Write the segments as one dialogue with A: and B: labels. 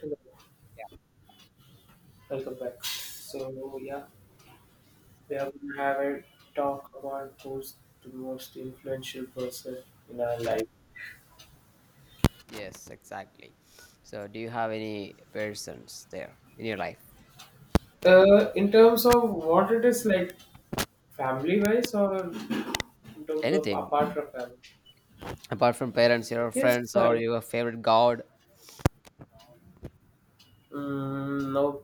A: Hello, welcome back. So yeah, we are gonna have a talk about who's the most influential person in our life.
B: Yes, exactly. So, do you have any persons there in your life?
A: In terms of what it is like, family-wise, or in terms of
B: Anything
A: apart from family.
B: apart from parents, your
A: Yes,
B: friends, or
A: I
B: your favorite god?
A: no,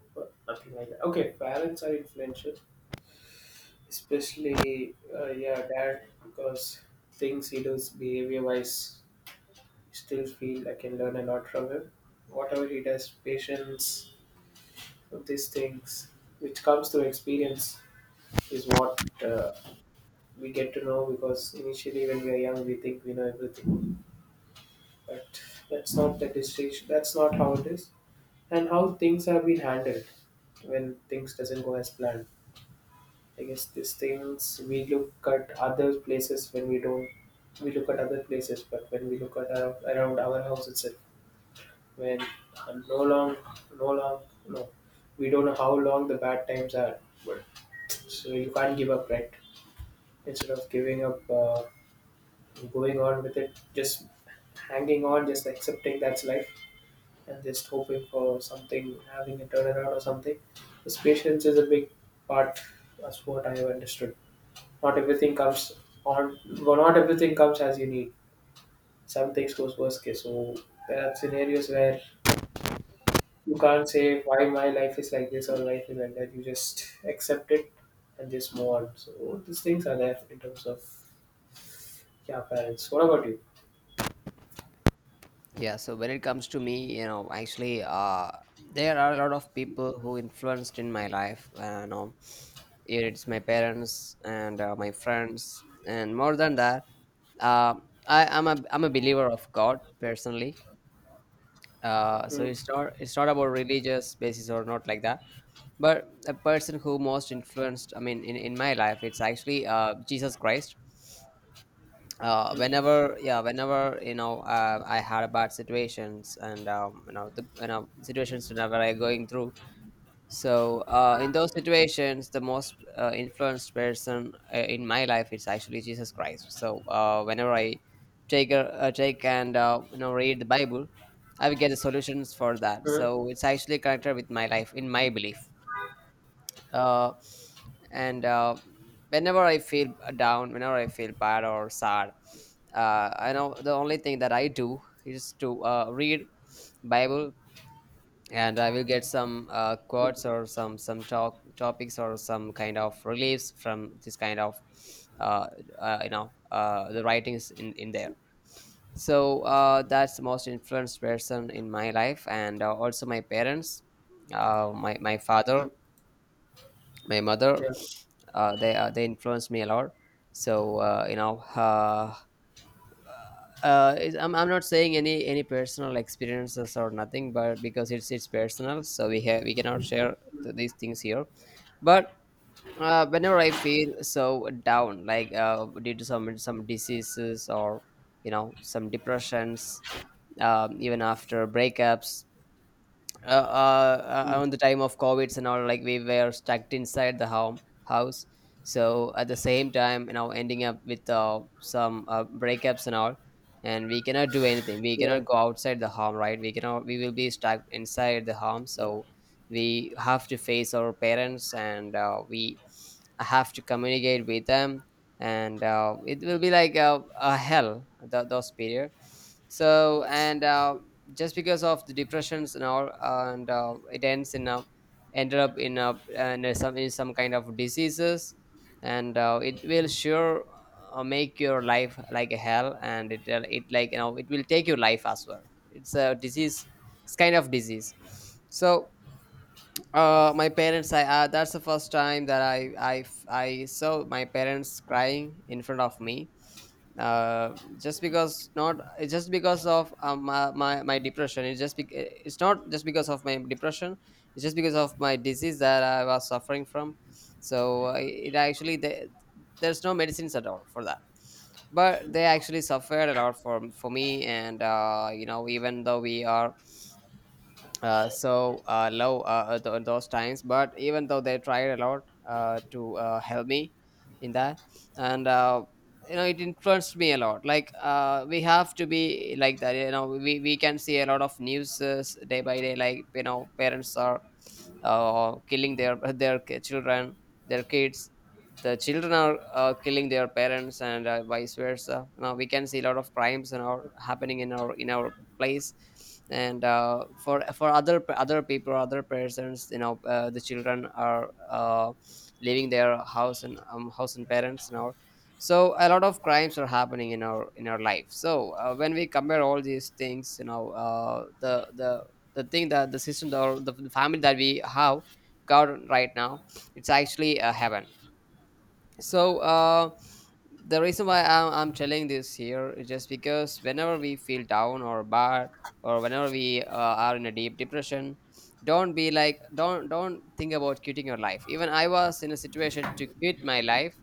A: nothing like that. Okay, parents are influential, especially yeah, dad because things he does behavior-wise, still feel I can learn a lot from him. Whatever he does, patience of these things, which comes through experience, is what we get to know because initially when we are young, we think we know everything. But that's not the distinction. That's not how it is, and how things have been handled when things doesn't go as planned. I guess these things we look at other places when we don't. We look at other places, but when we look at our, around our house itself, when no long, no long, no, we don't know how long the bad times are, but So you can't give up, right? Instead of giving up, going on with it, just hanging on, just accepting that's life, and just hoping for something, having a turnaround or something. This patience is a big part. That's what I have understood. Not everything comes on. Well, not everything comes as you need. Some things goes worst case. So there are scenarios where you can't say why my life is like this or life is like that. You just accept it and just move on. So these things are there in terms of, yeah, parents. What about you?
B: Yeah. So, when it comes to me, actually, there are a lot of people who influenced in my life. It's my parents and my friends, and more than that, uh, I'm a believer of God personally. Uh, so
A: Mm,
B: it's not it's not about religious basis or not like that, but a person who most influenced, I mean in my life, it's actually Jesus Christ. uh,
A: mm.
B: whenever yeah whenever I had bad situations, and you know the you know situations whenever I going through. So in those situations the most influenced person in my life is actually Jesus Christ. So whenever I take and read the Bible, I will get the solutions for that,
A: Hmm?
B: so it's actually connected with my life, in my belief. Uh, and Whenever I feel down, whenever I feel bad or sad, I know the only thing that I do is to read Bible, and I will get some quotes or some talk topics or some kind of reliefs from this kind of uh, the writings in there. So that's the most influenced person in my life, and also my parents, my father,
A: Hmm.
B: my mother.
A: Yeah.
B: They influenced me a lot. So I'm not saying any personal experiences or nothing, but because it's personal, so we have, we cannot share these things here. But whenever I feel so down, like due to some diseases or, you know, some depressions, even after breakups,
A: Mm.
B: on the time of covids and all, like we were stuck inside the home house. So at the same time, you know, ending up with some breakups and all, and we cannot do anything, we
A: Yeah.
B: cannot go outside the home, right? We cannot, we will be stuck inside the home. So we have to face our parents, and we have to communicate with them, and it will be like a hell those period. So
A: Yes.
B: and just because of the depressions and all, and it ends in a, ended up in a, and some, in some kind of diseases, and it will sure make your life like a hell, and it it, like, you know, it will take your life as well. It's a disease, it's kind of disease. So my parents, I that's the first time that I saw my parents crying in front of me. Just because, not, it's just because of my depression. It's just it's not just because of my depression, it's just because of my disease that I was suffering from. So it actually, the there's no medicines at all for that. But they actually suffered a lot for me, and even though we are love, those times, but even though they tried a lot to help me in that. And it influenced me a lot, like we have to be like that, you know, we can see a lot of news day by day, like, you know, parents are killing their children, their kids, the children are killing their parents, and vice versa. Now we can see a lot of crimes and all happening in our place, and for other people, other persons, you know, the children are leaving their house, and house and parents and all. So a lot of crimes are happening in our life. So when we compare all these things, you know, the the thing that the system or the family that we have got right now, it's actually a heaven. So the reason why I'm telling this here is just because whenever we feel down or bad, or whenever we are in a deep depression, don't be like, don't think about quitting your life. Even I was in a situation to quit my life,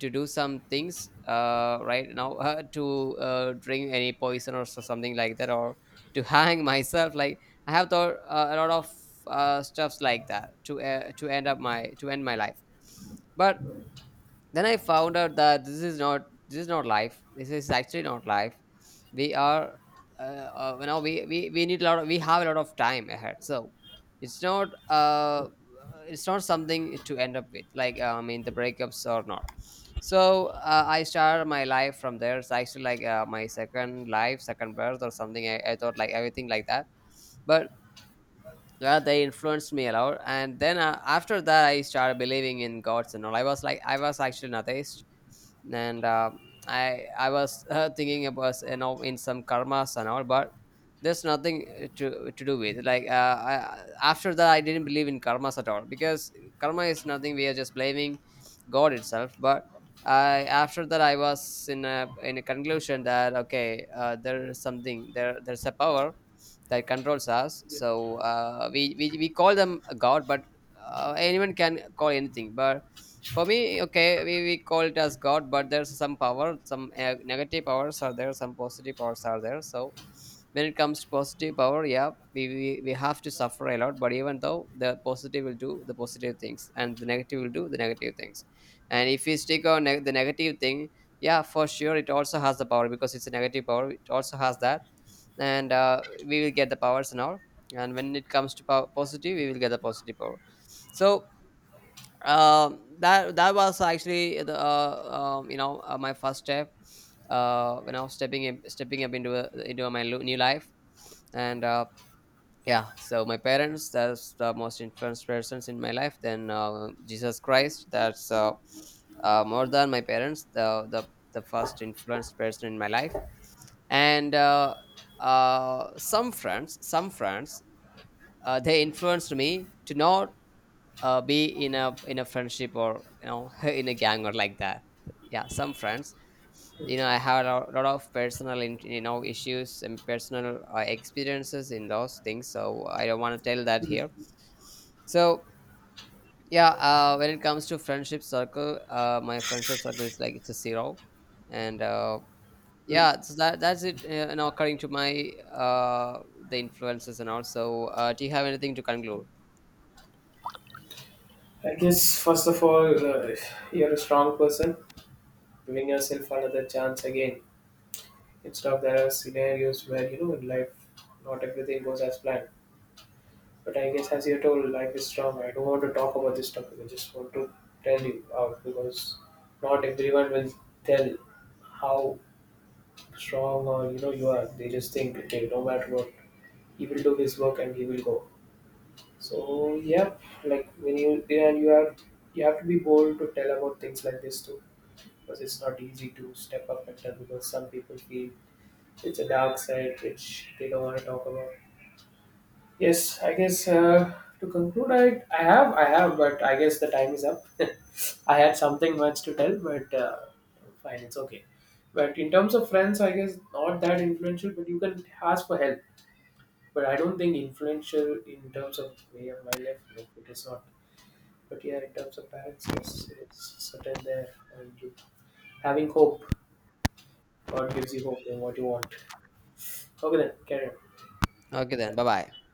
B: to do some things right now to drink any poison or so, something like that, or to hang myself, like I have thought a lot of stuffs like that to end up my to end my life. But then I found out that this is not life, this is actually not life. We are we need a lot of, we have a lot of time ahead. So it's not uh it's not something to end up with, like I mean the breakups or not. So I started my life from there. It's actually like my second life, second birth or something, I thought like everything like that. But yeah, they influenced me a lot. And then after that I started believing in gods and all. I was like, I was actually an atheist, and I was thinking about, you know, in some karmas and all. But there's nothing to do with, like after that I didn't believe in karmas at all, because karma is nothing, we are just blaming god itself. But after that, I was in a, in a conclusion that, okay, there is something there. There's a power that controls us. So we call them a god, but anyone can call anything. But for me, okay, we call it as god, but there's some power, some negative powers are there, some positive powers are there. So when it comes to positive power, yeah, we have to suffer a lot. But even though the positive will do the positive things and the negative will do the negative things, and if we stick on neg the negative thing, yeah, for sure, it also has the power, because it's a negative power, it also has that, and we will get the powers and all. And when it comes to power positive, we will get the positive power. So that was actually the my first step when I was stepping in, stepping up into into my new life. And yeah, so my parents, that's the most influenced persons in my life. Then Jesus Christ, that's more than my parents, the, the first influenced person in my life. And some friends, some friends, they influenced me to not be in a, in a friendship or, you know, in a gang or like that. Yeah, some friends, you know, I have a lot of personal you know, issues and personal experiences in those things, so I don't want to tell that here. So yeah, when it comes to friendship circle, my friendship circle is like, it's a zero. And
A: Hmm.
B: yeah, so that's it. According to my the influences, and also do you have anything to conclude?
A: I guess first of all, you're a strong person, giving yourself another chance again. Instead of there are scenarios where you know in life, not everything goes as planned. But I guess as you're told, life is strong. I don't want to talk about this topic. I just want to tell you out because not everyone will tell how strong or you know you are. They just think, okay, no matter what, he will do his work and he will go. So yep, like when you there you are you have to be bold to tell about things like this too because it's not easy to step up and tell because some people feel it's a dark side which they don't want to talk about. Yes, I guess to conclude, I have, but I guess the time is up. I had something much to tell, but fine, it's okay. But in terms of friends, I guess not that influential, but you can ask for help. But I don't think influential in terms of way of my life. No, it is not. But yeah, in terms of parents, yes, it's certain there, and you, having hope, God gives you hope in what you want. Okay, then carry on.
B: Okay, then bye
A: Yeah,
B: bye.